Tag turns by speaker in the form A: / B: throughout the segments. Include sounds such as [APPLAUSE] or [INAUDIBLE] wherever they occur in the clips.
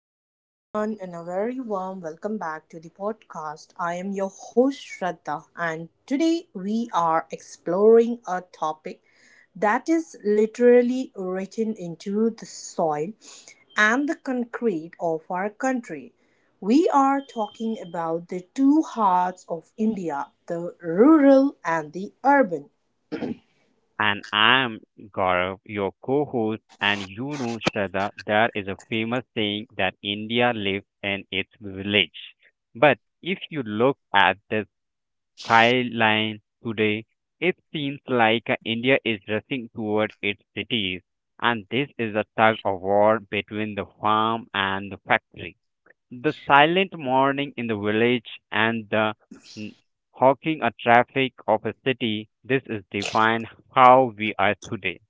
A: Hello, everyone, and a very warm welcome back to the podcast. I am your host, Shraddha, and today we are exploring a topic that is literally written into the soil and the concrete of our country. We are talking about the two hearts of India, the rural and the urban.
B: And I'm Gaurav, your co host, and Shraddha, there is a famous saying that India lives in its village. But if you look at the skyline today, it seems like India is rushing toward its cities, and this is a tug of war between the farm and the factory. The silent morning in the village and the n- honking a traffic of a city, this is define how we are today.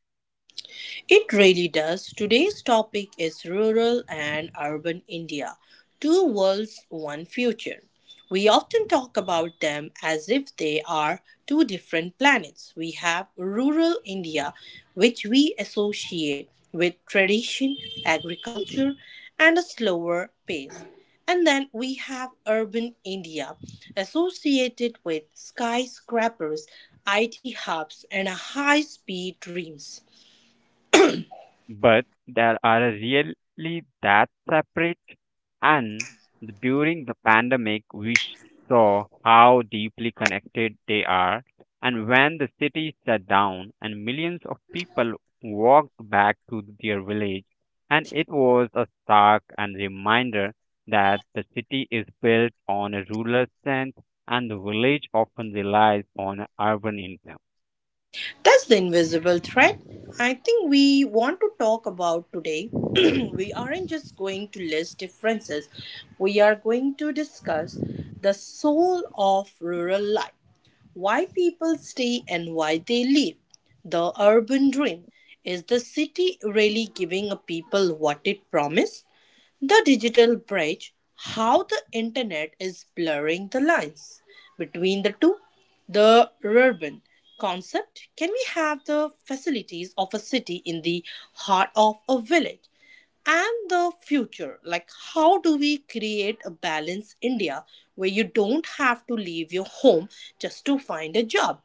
A: It really does. Today's topic is rural and urban India, two worlds, one future. We often talk about them as if they are two different planets. We have rural India, which we associate with tradition, agriculture, and a slower pace. And then we have urban India, associated with skyscrapers, IT hubs, and high speed dreams.
B: But there are really that separate. And during the pandemic, we saw how deeply connected they are. And when the city shut down and millions of people walked back to their village, and it was a stark and reminder that the city is built on a rural strength and the village often relies on urban influence.
A: That's the invisible thread I think we want to talk about today. [CLEARS THROAT] We aren't just going to list differences, we are going to discuss the soul of rural life. Why people stay and why they leave. The urban dream. Is the city really giving people what it promised? The digital bridge. How the internet is blurring the lines between the two. The urban concept. Can we have the facilities of a city in the heart of a village? And the future, like how do we create a balanced India where you don't have to leave your home just to find a job?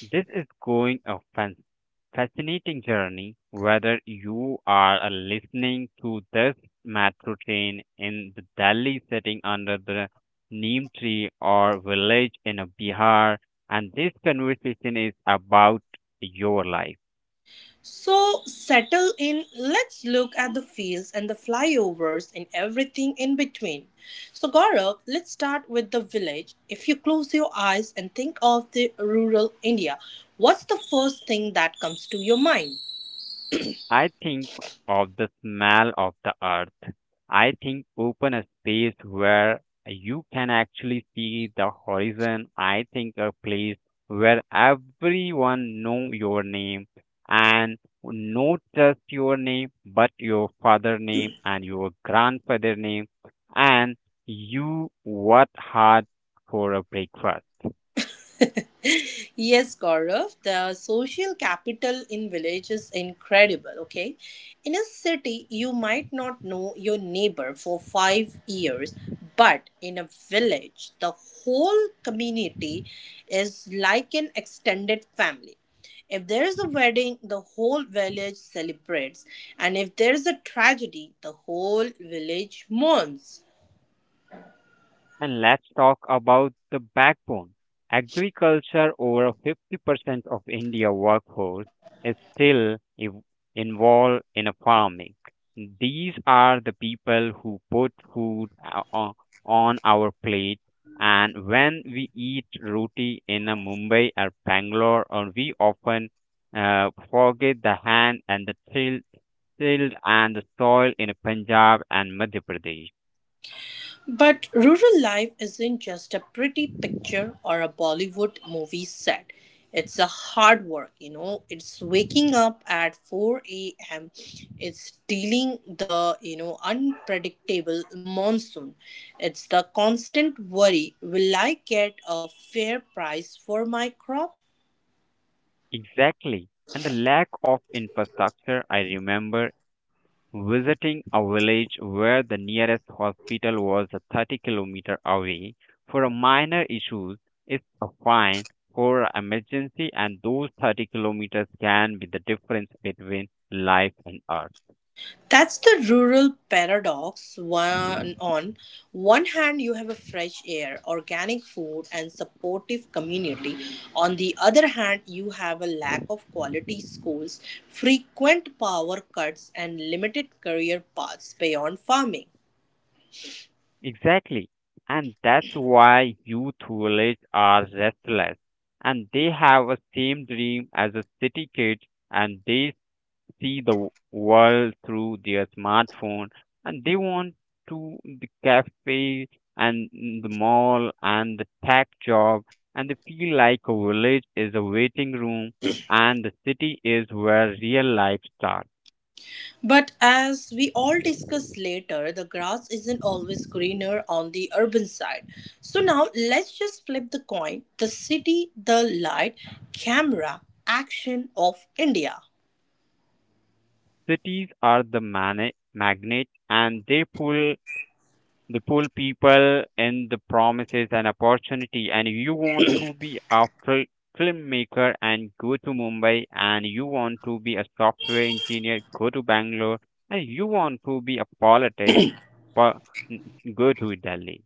B: This is going a fascinating journey. Whether you are listening to this metro train in the Delhi sitting under the neem tree or village in a Bihar, and this conversation is about your life.
A: So settle in, let's look at the fields and the flyovers and everything in between. So Gaurav, let's start with the village. If you close your eyes and think of the rural India, what's the first thing that comes to your mind?
B: I think of the smell of the earth. I think open a space where you can actually see the horizon. I think a place where everyone know your name and not just your name but your father name and your grandfather name and you what had for a breakfast.
A: Yes, Gaurav, the social capital in village is incredible, okay? In a city, you might not know your neighbor for 5 years, but in a village, the whole community is like an extended family. If there is a wedding, the whole village celebrates, and if there is a tragedy, the whole village mourns.
B: And let's talk about the backbone. Agriculture, over 50% of India workforce is still involved in a farming. These are the people who put food on our plate. And when we eat roti in a Mumbai or Bangalore, or we often forget the hand and the till, tilled and the soil in Punjab and Madhya Pradesh.
A: But rural life isn't just a pretty picture or a Bollywood movie set. It's a hard work, you know. It's waking up at 4 a.m. It's dealing the, you know, unpredictable monsoon. It's the constant worry, will I get a fair price for my crop?
B: Exactly. And the lack of infrastructure, I remember visiting a village where the nearest hospital was a 30 kilometer away for a minor issues. It's a fine for a emergency, and those 30 kilometers can be the difference between life and earth.
A: That's the rural paradox. One, on one hand, you have a fresh air, organic food, and supportive community. On the other hand, you have a lack of quality schools, frequent power cuts, and limited career paths beyond farming.
B: Exactly. And that's why youth village are restless, and they have a same dream as a city kids, and they see the world through their smartphone, and they want to the cafe and the mall and the tech job, and they feel like a village is a waiting room and the city is where real life starts.
A: But as we all discuss later, the grass isn't always greener on the urban side. So now let's just flip the coin, the city, the light, camera, action of India.
B: Cities are the mana magnet, and they pull the poor people and the promises and opportunity, and you want to be a filmmaker and go to Mumbai, and you want to be a software engineer, go to Bangalore, and you want to be a politics, po- go to Delhi.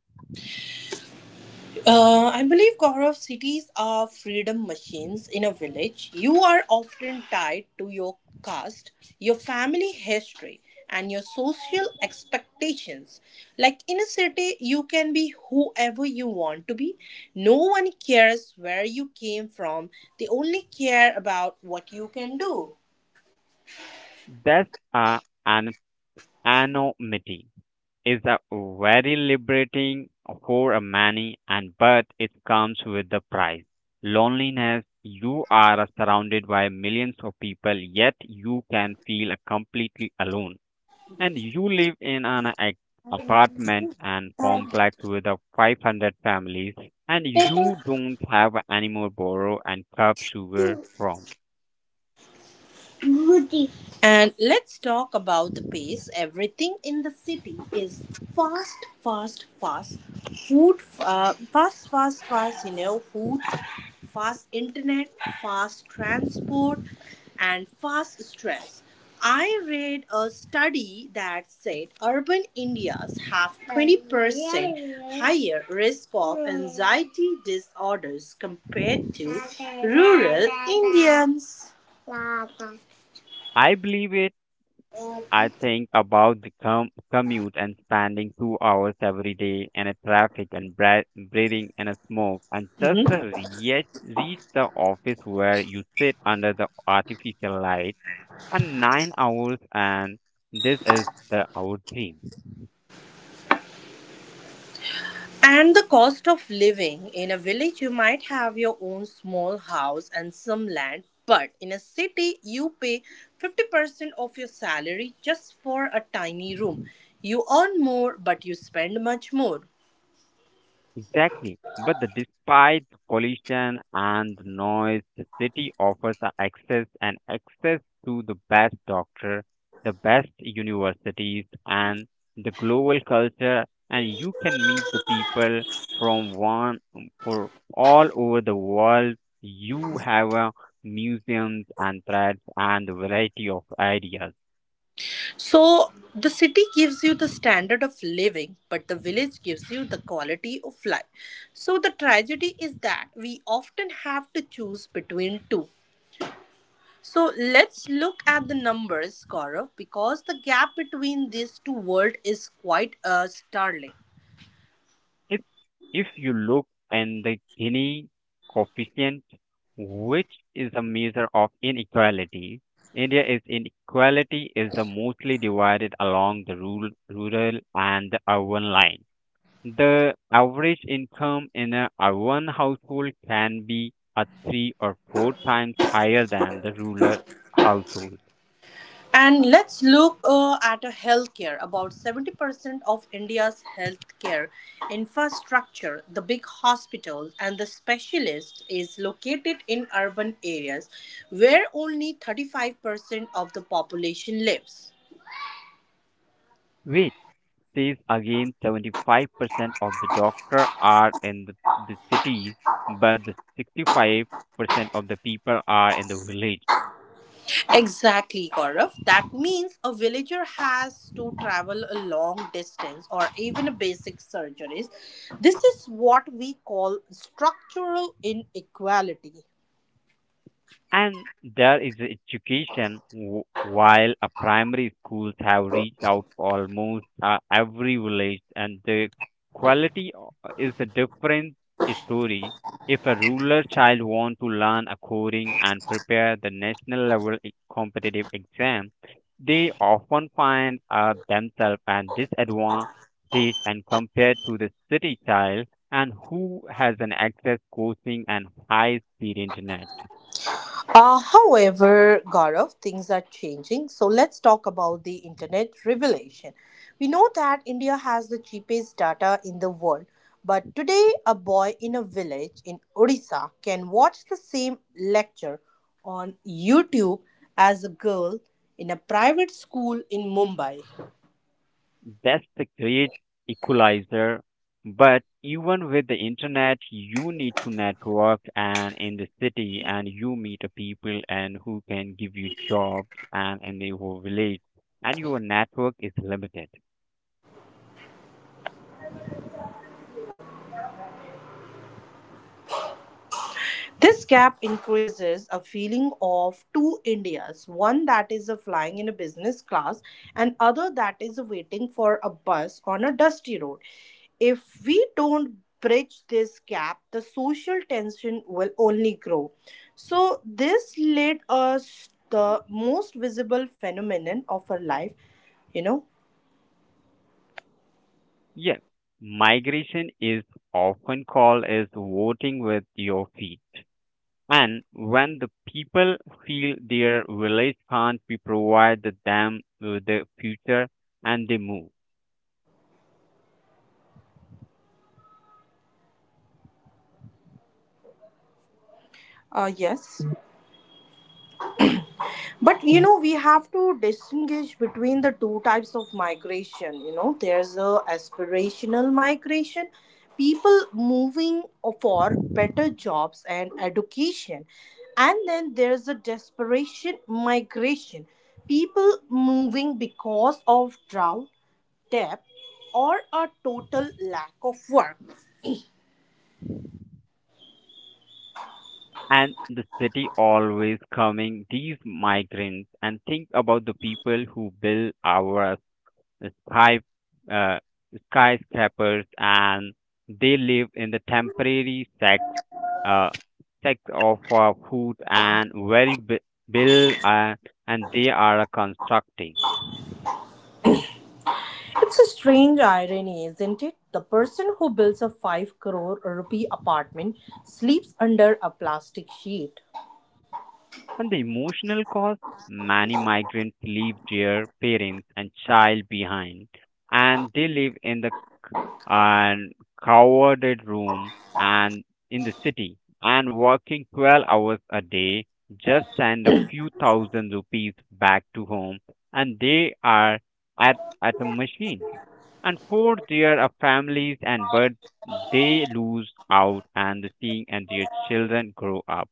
A: I believe, Gaurav, cities are freedom machines. In a village, you are often tied to your caste, your family history, and your social expectations. Like in a city, you can be whoever you want to be. No one cares where you came from, they only care about what you can do.
B: That's an anonymity is a very liberating for a many, and but it comes with the price, loneliness. You are surrounded by millions of people yet you can feel completely alone, and you live in an apartment and complex with a 500 families, and you don't have any more borrow and cup sugar from.
A: And let's talk about the pace. Everything in the city is fast, fast, fast. Food, fast, fast, fast, you know, food, fast internet, fast transport, and fast stress. I read a study that said urban Indians have 20% higher risk of anxiety disorders compared to rural Indians.
B: I believe it. I think about the commute and spending 2 hours every day in a traffic and breathing in a smoke and just to
A: Mhm.
B: reach the office where you sit under the artificial light and 9 hours, and this is the our dream.
A: And the cost of living. In a village, you might have your own small house and some land, but in a city, you pay 50% of your salary just for a tiny room. You earn more, but you spend much more.
B: Exactly. But despite pollution and noise, the city offers a access to the best doctor, the best universities, and the global culture. And you can meet the people from one for all over the world. You have museums and threads and variety of ideas.
A: So, the city gives you the standard of living, but the village gives you the quality of life. So, the tragedy is that we often have to choose between two. So let's look at the numbers, Gaurav, because the gap between these two worlds is quite startling.
B: If if you look in the Gini coefficient, which is a measure of inequality, India is inequality is the mostly divided along the rural and the urban line. The average income in a urban household can be a three or four times higher than the rural household,
A: And let's look at a healthcare. About 70% of India's healthcare infrastructure, the big hospitals and the specialists, is located in urban areas where only 35% of the population lives.
B: which says again 75% of the doctor are in the cities, but the 65% of the people are in the village.
A: Exactly, Gaurav. That means a villager has to travel a long distance or even a basic surgeries. This is what we call structural inequality.
B: And there is education. While a primary schools have reached out almost every village, and the quality is a different story. If a rural child wants to learn a coding and prepare the national level competitive exam, they often find themselves at disadvantage and compared to the city child and who has an access coaching and high speed internet.
A: However, Gaurav, things are changing. So let's talk about the internet revelation. We know that India has the cheapest data in the world, but today a boy in a village in Odisha can watch the same lecture on YouTube as a girl in a private school in Mumbai.
B: That's the great equalizer. But even with the internet, you need to network, and in the city, and you meet a people and who can give you jobs, and in the whole village, and your network is limited.
A: This gap increases a feeling of two Indias, one that is a flying in a business class and other that is waiting for a bus on a dusty road. If we don't bridge this gap, the social tension will only grow. So this led us the most visible phenomenon of our life, you know.
B: Yeah, migration is often called as voting with your feet. And when the people feel their village can't be provided them with the future, and they move.
A: Yes. But you know, we have to distinguish between the two types of migration. You know, there's a aspirational migration, people moving for better jobs and education, and then there's a desperation migration, people moving because of drought, debt, or a total lack of work.
B: And the city always coming these migrants, and think about the people who build our sky uh, skyscrapers, and they live in the temporary uh, sex of food and very build, and they are constructing.
A: It's a strange irony, isn't it? The person who builds a 5 crore rupee apartment sleeps under a plastic sheet.
B: And the emotional cost, many migrants leave their parents and child behind, and they live in the and crowded room and in the city and working 12 hours a day just send a few thousand rupees back to home, and they are at a machine and four there are families, and but they lose out and seeing and their children grow up.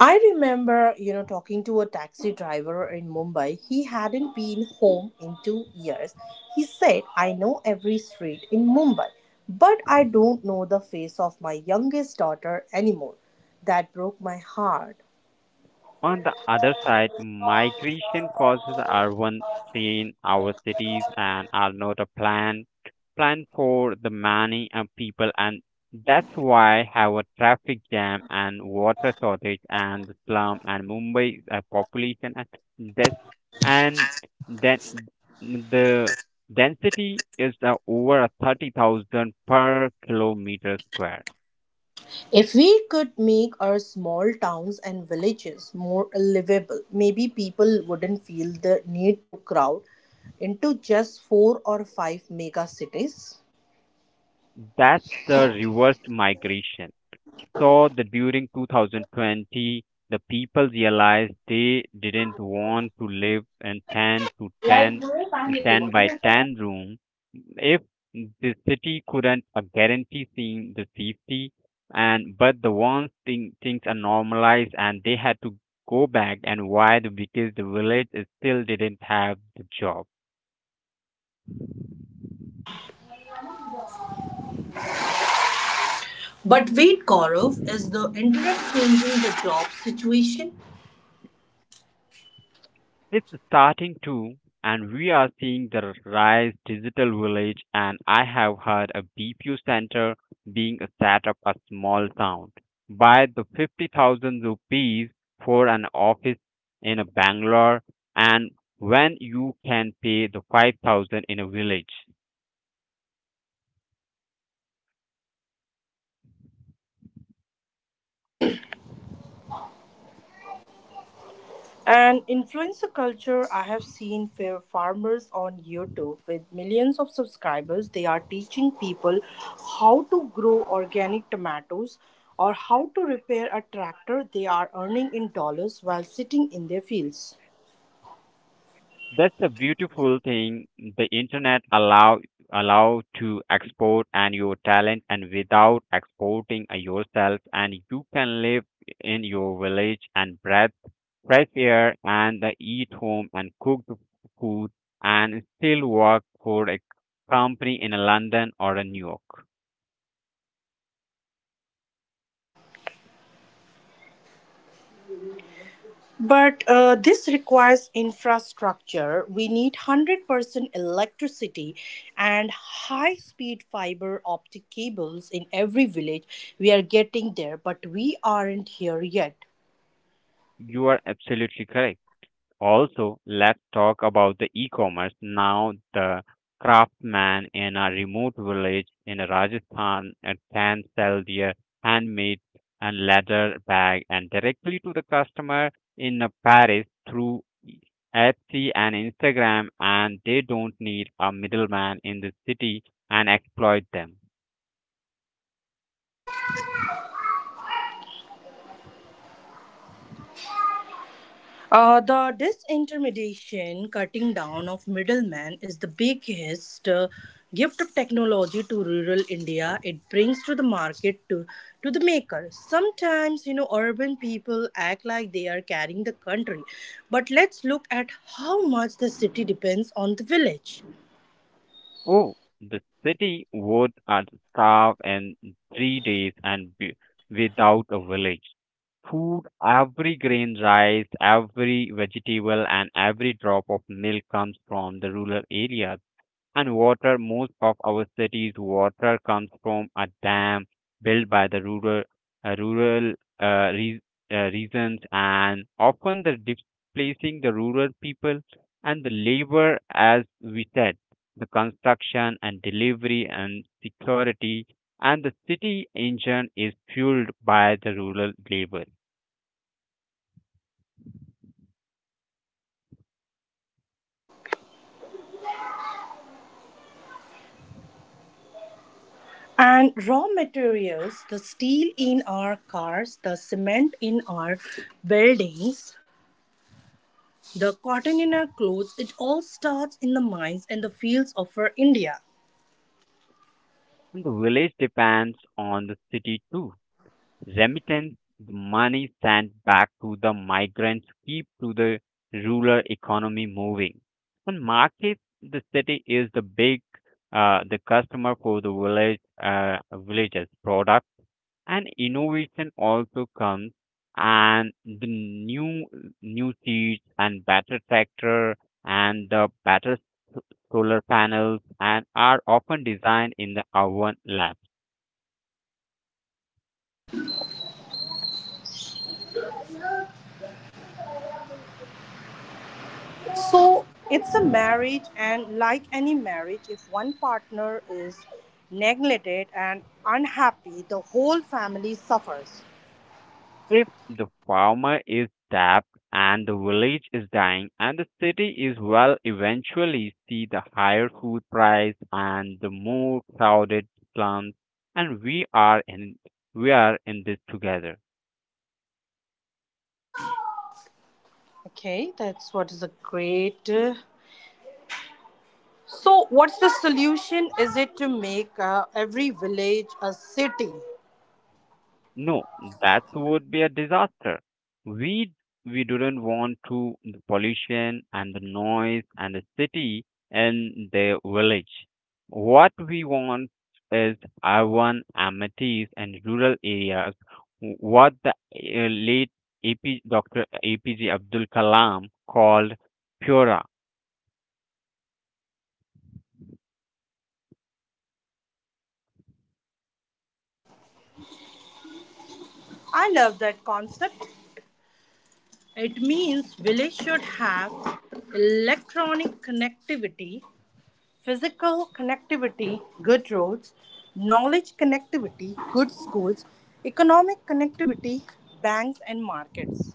A: I remember, you know, talking to a taxi driver in Mumbai. He hadn't been home in 2 years. He said, "I know every street in Mumbai, but I don't know the face of my youngest daughter anymore." That broke my heart.
B: On the other side, migration causes are once seen our cities and are not a plan for the many people, and that's why have a traffic jam and water shortage and slum, and Mumbai's population and this and then the density is over a 30,000 per kilometer square.
A: If we could make our small towns and villages more livable, maybe people wouldn't feel the need to crowd into just four or five mega cities.
B: That's the reverse migration. Saw that during 2020, the people realized they didn't want to live in ten by 10 room if the city couldn't guarantee seeing the safety. And but the once thing, things are normalized and they had to go back. And why? Because the village is still didn't have the job.
A: But wait, Gaurav, is the internet changing the job situation?
B: It's starting to, and we are seeing the rise digital village, and I have heard a BPU center being set up a small town by the 50,000 rupees for an office in a Bangalore, and when you can pay the 5,000 in a village.
A: And influencer culture, I have seen fair farmers on YouTube with millions of subscribers. They are teaching people how to grow organic tomatoes or how to repair a tractor. They are earning in dollars while sitting in their fields.
B: That's a beautiful thing. The internet allow to export and your talent and without exporting yourself, and you can live in your village and breath fresh air and eat home and cook the food, and still work for a company in London or in New York.
A: But this requires infrastructure. We need 100% electricity and high speed fiber optic cables in every village. We are getting there, but we aren't here yet.
B: You are absolutely correct. Also, let's talk about the e-commerce. Now, the craftsman in a remote village in Rajasthan can sell their handmade and leather bag and directly to the customer in Paris through Etsy and Instagram, and they don't need a middleman in the city and exploit them.
A: The disintermediation, cutting down of middlemen, is the biggest gift of technology to rural India. It brings to the market to the maker. Sometimes, you know, urban people act like they are carrying the country, but let's look at how much the city depends on the village.
B: Oh, the city would starve in 3 days and be without a village. Food, every grain rice, every vegetable, and every drop of milk comes from the rural areas. And water, most of our cities water comes from a dam built by the uh, rural uh, re- regions, and often the displacing the rural people, and the labor, as we said, the construction and delivery and security, and the city engine is fueled by the rural labor.
A: And raw materials, the steel in our cars, the cement in our buildings, the cotton in our clothes, it all starts in the mines and the fields of our India.
B: The village depends on the city too. Remittance money sent back to the migrants keep to the rural economy moving. On market, the city is the customer for the village, villages product, and innovation also comes, and the new seeds and better tractor and the better solar panels, and are often designed in the oven labs.
A: So it's a marriage, and like any marriage, if one partner is neglected and unhappy, the whole family suffers.
B: If the farmer is tapped and the village is dying and the city is well, eventually see the higher food price and the more crowded slums, and we are in this together.
A: Okay, that's what is a great. So, what's the solution? Is it to make every village a city?
B: No, that would be a disaster. We we don't want to the pollution and the noise and the city and the village. What we want is urban amenities and rural areas. What the late AP Dr. APJ Abdul Kalam called Pura.
A: I love that concept. It means village should have electronic connectivity. Physical connectivity, good roads. Knowledge connectivity, good schools. Economic connectivity, banks and markets.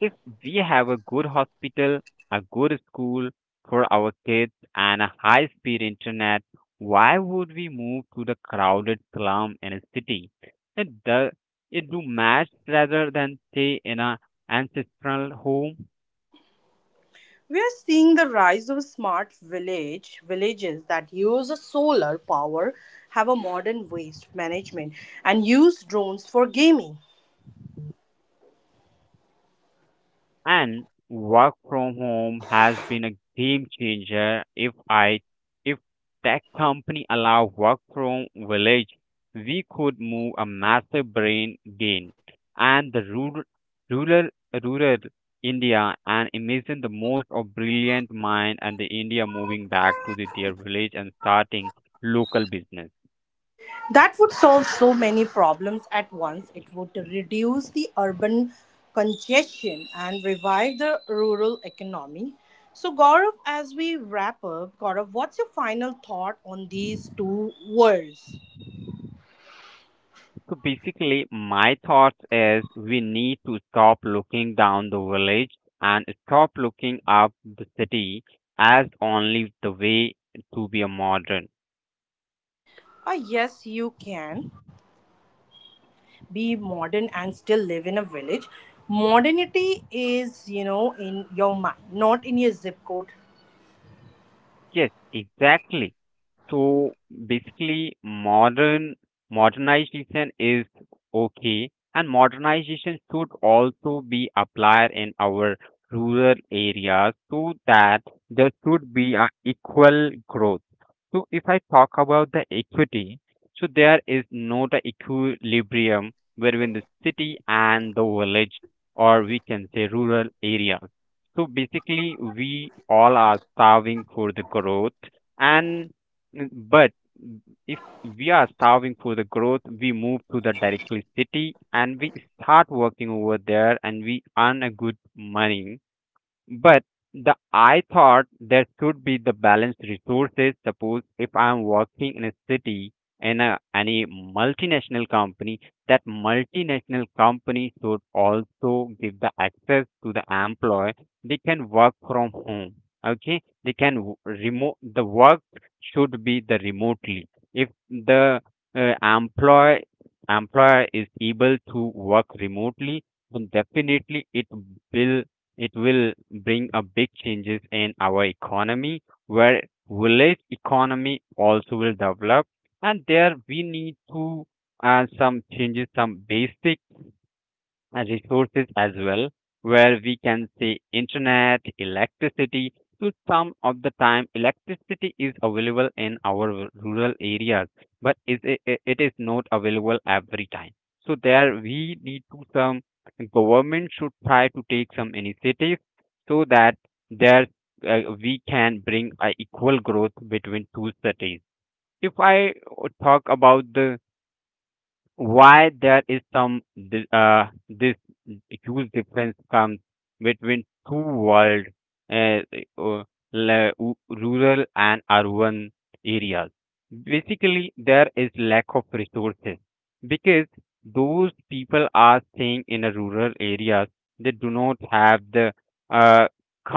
B: If we have a good hospital, a good school for our kids, and a high speed internet, why would we move to the crowded slum in a city? It does it do match rather than stay in a ancestral home.
A: We are seeing the rise of smart village villages that use solar power, have a modern waste management, and use drones for gaming.
B: And work from home has been a game changer. If tech company allow work from village, we could move a massive brain gain. And the rural, rural India, and imagine the most of brilliant mind and the India moving back to their village and starting local business.
A: That would solve so many problems at once. It would reduce the urban congestion and revive the rural economy. So, Gaurav, as we wrap up, Gaurav, what's your final thought on these two words?
B: So basically, my thoughts is we need to stop looking down the village and stop looking up the city as only the way to be a modern.
A: Ah, yes, you can be modern and still live in a village. Modernity is, you know, in your mind, not in your zip code.
B: Yes, exactly. So basically, modernization is okay, and modernization should also be applied in our rural areas so that there should be an equal growth. So if I talk about the equity, so there is no the equilibrium between the city and the village, or we can say rural areas. So basically, we all are starving for the growth and but if we are starving for the growth, we move to the directly city and we start working over there and we earn a good money but the I thought there should be the balanced resources. Suppose if I'm working in a city in a any multinational company, that multinational company should also give the access to the employee. They can work from home. Okay, they can remote. The work should be the remotely. If the employee employer is able to work remotely, then definitely will it will bring a big changes in our economy, where village economy also will develop, and there we need to some changes, some basic resources as well, where we can say internet, electricity. So some of the time, electricity is available in our rural areas, but is it is not available every time. So there we need to some government should try to take some initiatives so that there we can bring a equal growth between two cities. If I talk about the why there is some this huge difference comes between two world uh, uh, rural and urban areas basically there is lack of resources because those people are staying in a rural areas they do not have the uh,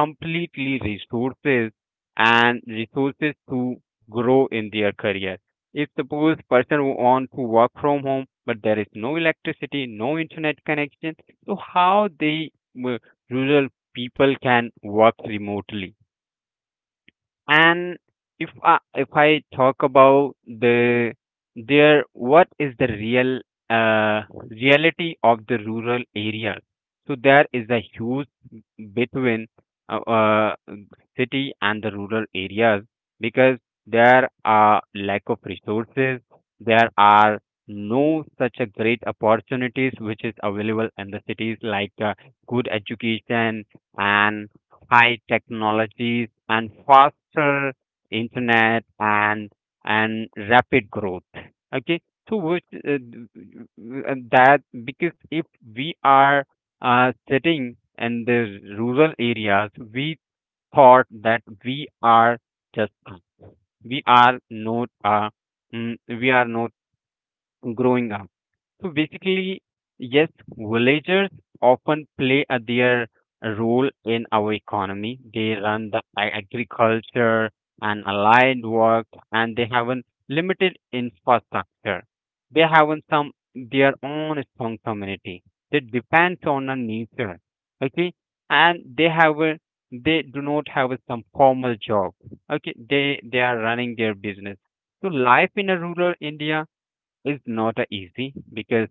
B: completely resources and resources to grow in their career if suppose person want to work from home, but there is no electricity, no internet connection, so how they uh, rural people can work remotely? And if I talk about the there, what is the real uh, reality of the rural area? So there is a huge between uh, uh, city and the rural areas because there are lack of resources. There are no such a great opportunities which is available in the cities like good education and high technologies and faster internet and rapid growth, okay, so which, and that because if we are sitting in the rural areas we thought that we are just we are not we are not growing up. So basically, yes, villagers often play a, their role in our economy. They run the agriculture and allied work, and they have a limited infrastructure. They have an some their own strong community. They depends on the nature, okay, and they have a they do not have a some formal job. Okay, they are running their business. So life in a rural India is not easy because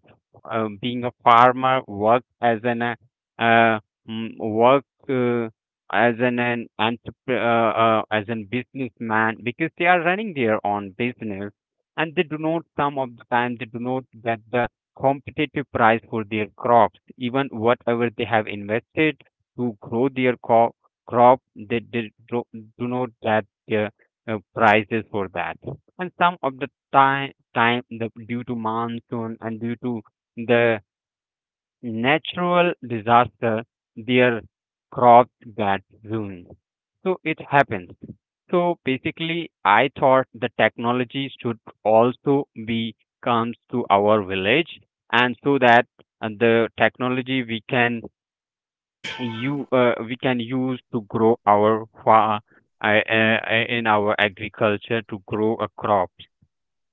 B: being a farmer work as an uh, work as an entrepreneur as an businessman because they are running their own business and they do not some of the time they do not get the competitive price for their crops even whatever they have invested to grow their crop do not get their prices for that and some of the time the, due to monsoon and due to the natural disaster their crops got ruined so it happens. So basically I thought the technology should also be comes to our village and so that the technology we can you we can use to grow our in our agriculture to grow a crop.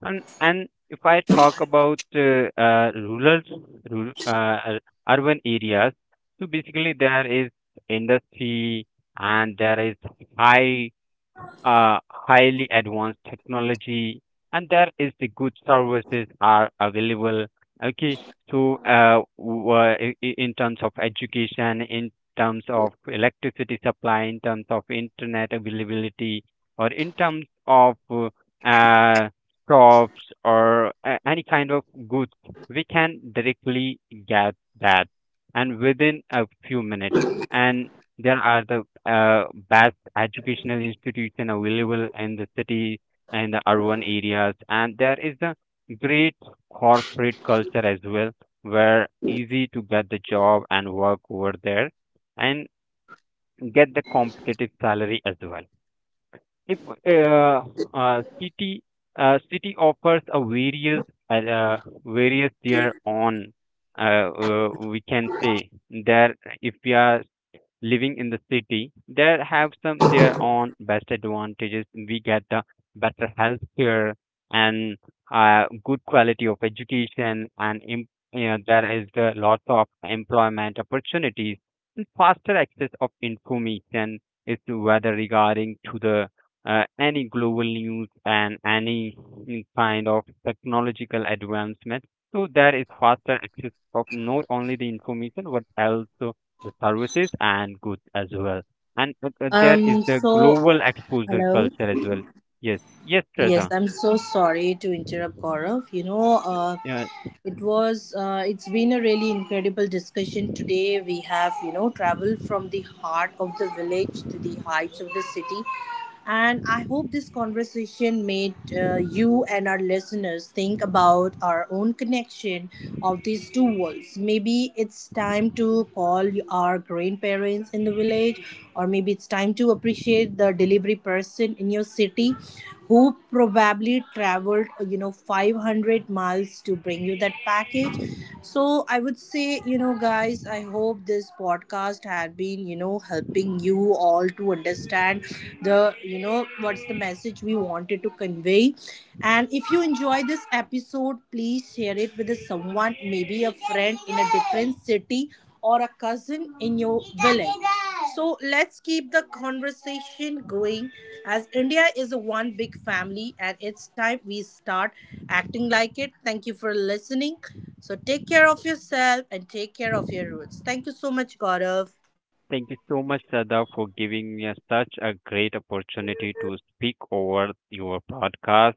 B: And if I talk about rural urban areas, so basically there is industry and there is high, highly advanced technology and there is the good services are available, okay. So in terms of education in terms of electricity supply in terms of internet availability or in terms of uh, crops or any kind of goods we can directly get that and within a few minutes. And there are the best educational institution available in the city and the urban areas, and there is a great corporate culture as well, where easy to get the job and work over there, and get the competitive salary as well. If uh, uh, city city offers a various uh, various their own we can say that if we are living in the city, they have some their own best advantages. We get the better health care and good quality of education, and yeah, there is the lots of employment opportunities and faster access of information is to whether regarding to the any global news and any kind of technological advancement. So there is faster access of not only the information but also the services and goods as well. And there is the
A: So,
B: global exposure
A: hello.
B: culture as well. Yes, yes,
A: Yes,
B: Shraddha.
A: I'm so sorry to interrupt, Gaurav. You know,
B: Yeah,
A: it's been a really incredible discussion today. We have, you know, traveled from the heart of the village to the heights of the city. And I hope this conversation made you and our listeners think about our own connection of these two worlds. Maybe it's time to call our grandparents in the village, or maybe it's time to appreciate the delivery person in your city who probably traveled 500 miles to bring you that package. So I would say, you know, guys, I hope this podcast had been, you know, helping you all to understand the, you know, what's the message we wanted to convey. And if you enjoy this episode, please share it with someone, maybe a friend in a different city or a cousin in your village. So let's keep the conversation going, as India is a one big family and it's time we start acting like it. Thank you for listening. So take care of yourself and take care of your roots. Thank you so much, Gaurav.
B: thank you so much, Sada, for giving me such a great opportunity to speak over your podcast.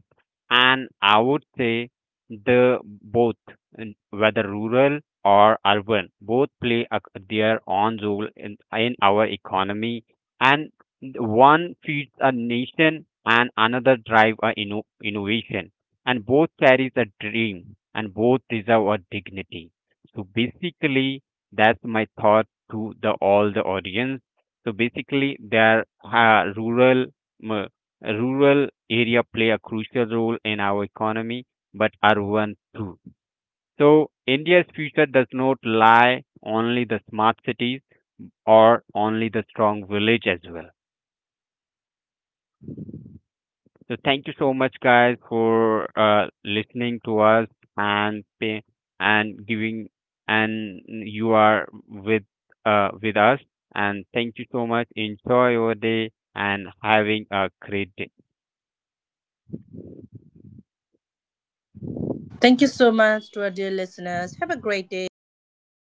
B: And I would say the both, whether rural or urban, both play a, their own role in our economy. And one feeds a nation and another drive a innovation. And both carries a dream and both deserve a dignity. So basically, that's my thought to the all the audience. So basically, their m- rural area play a crucial role in our economy, but urban too. So India's future does not lie only the smart cities or only the strong village as well. So thank you so much, guys, for listening to us and pay, and giving and you are with us. And thank you so much. Enjoy your day and having a great day.
A: Thank you so much to our dear listeners. Have a great day.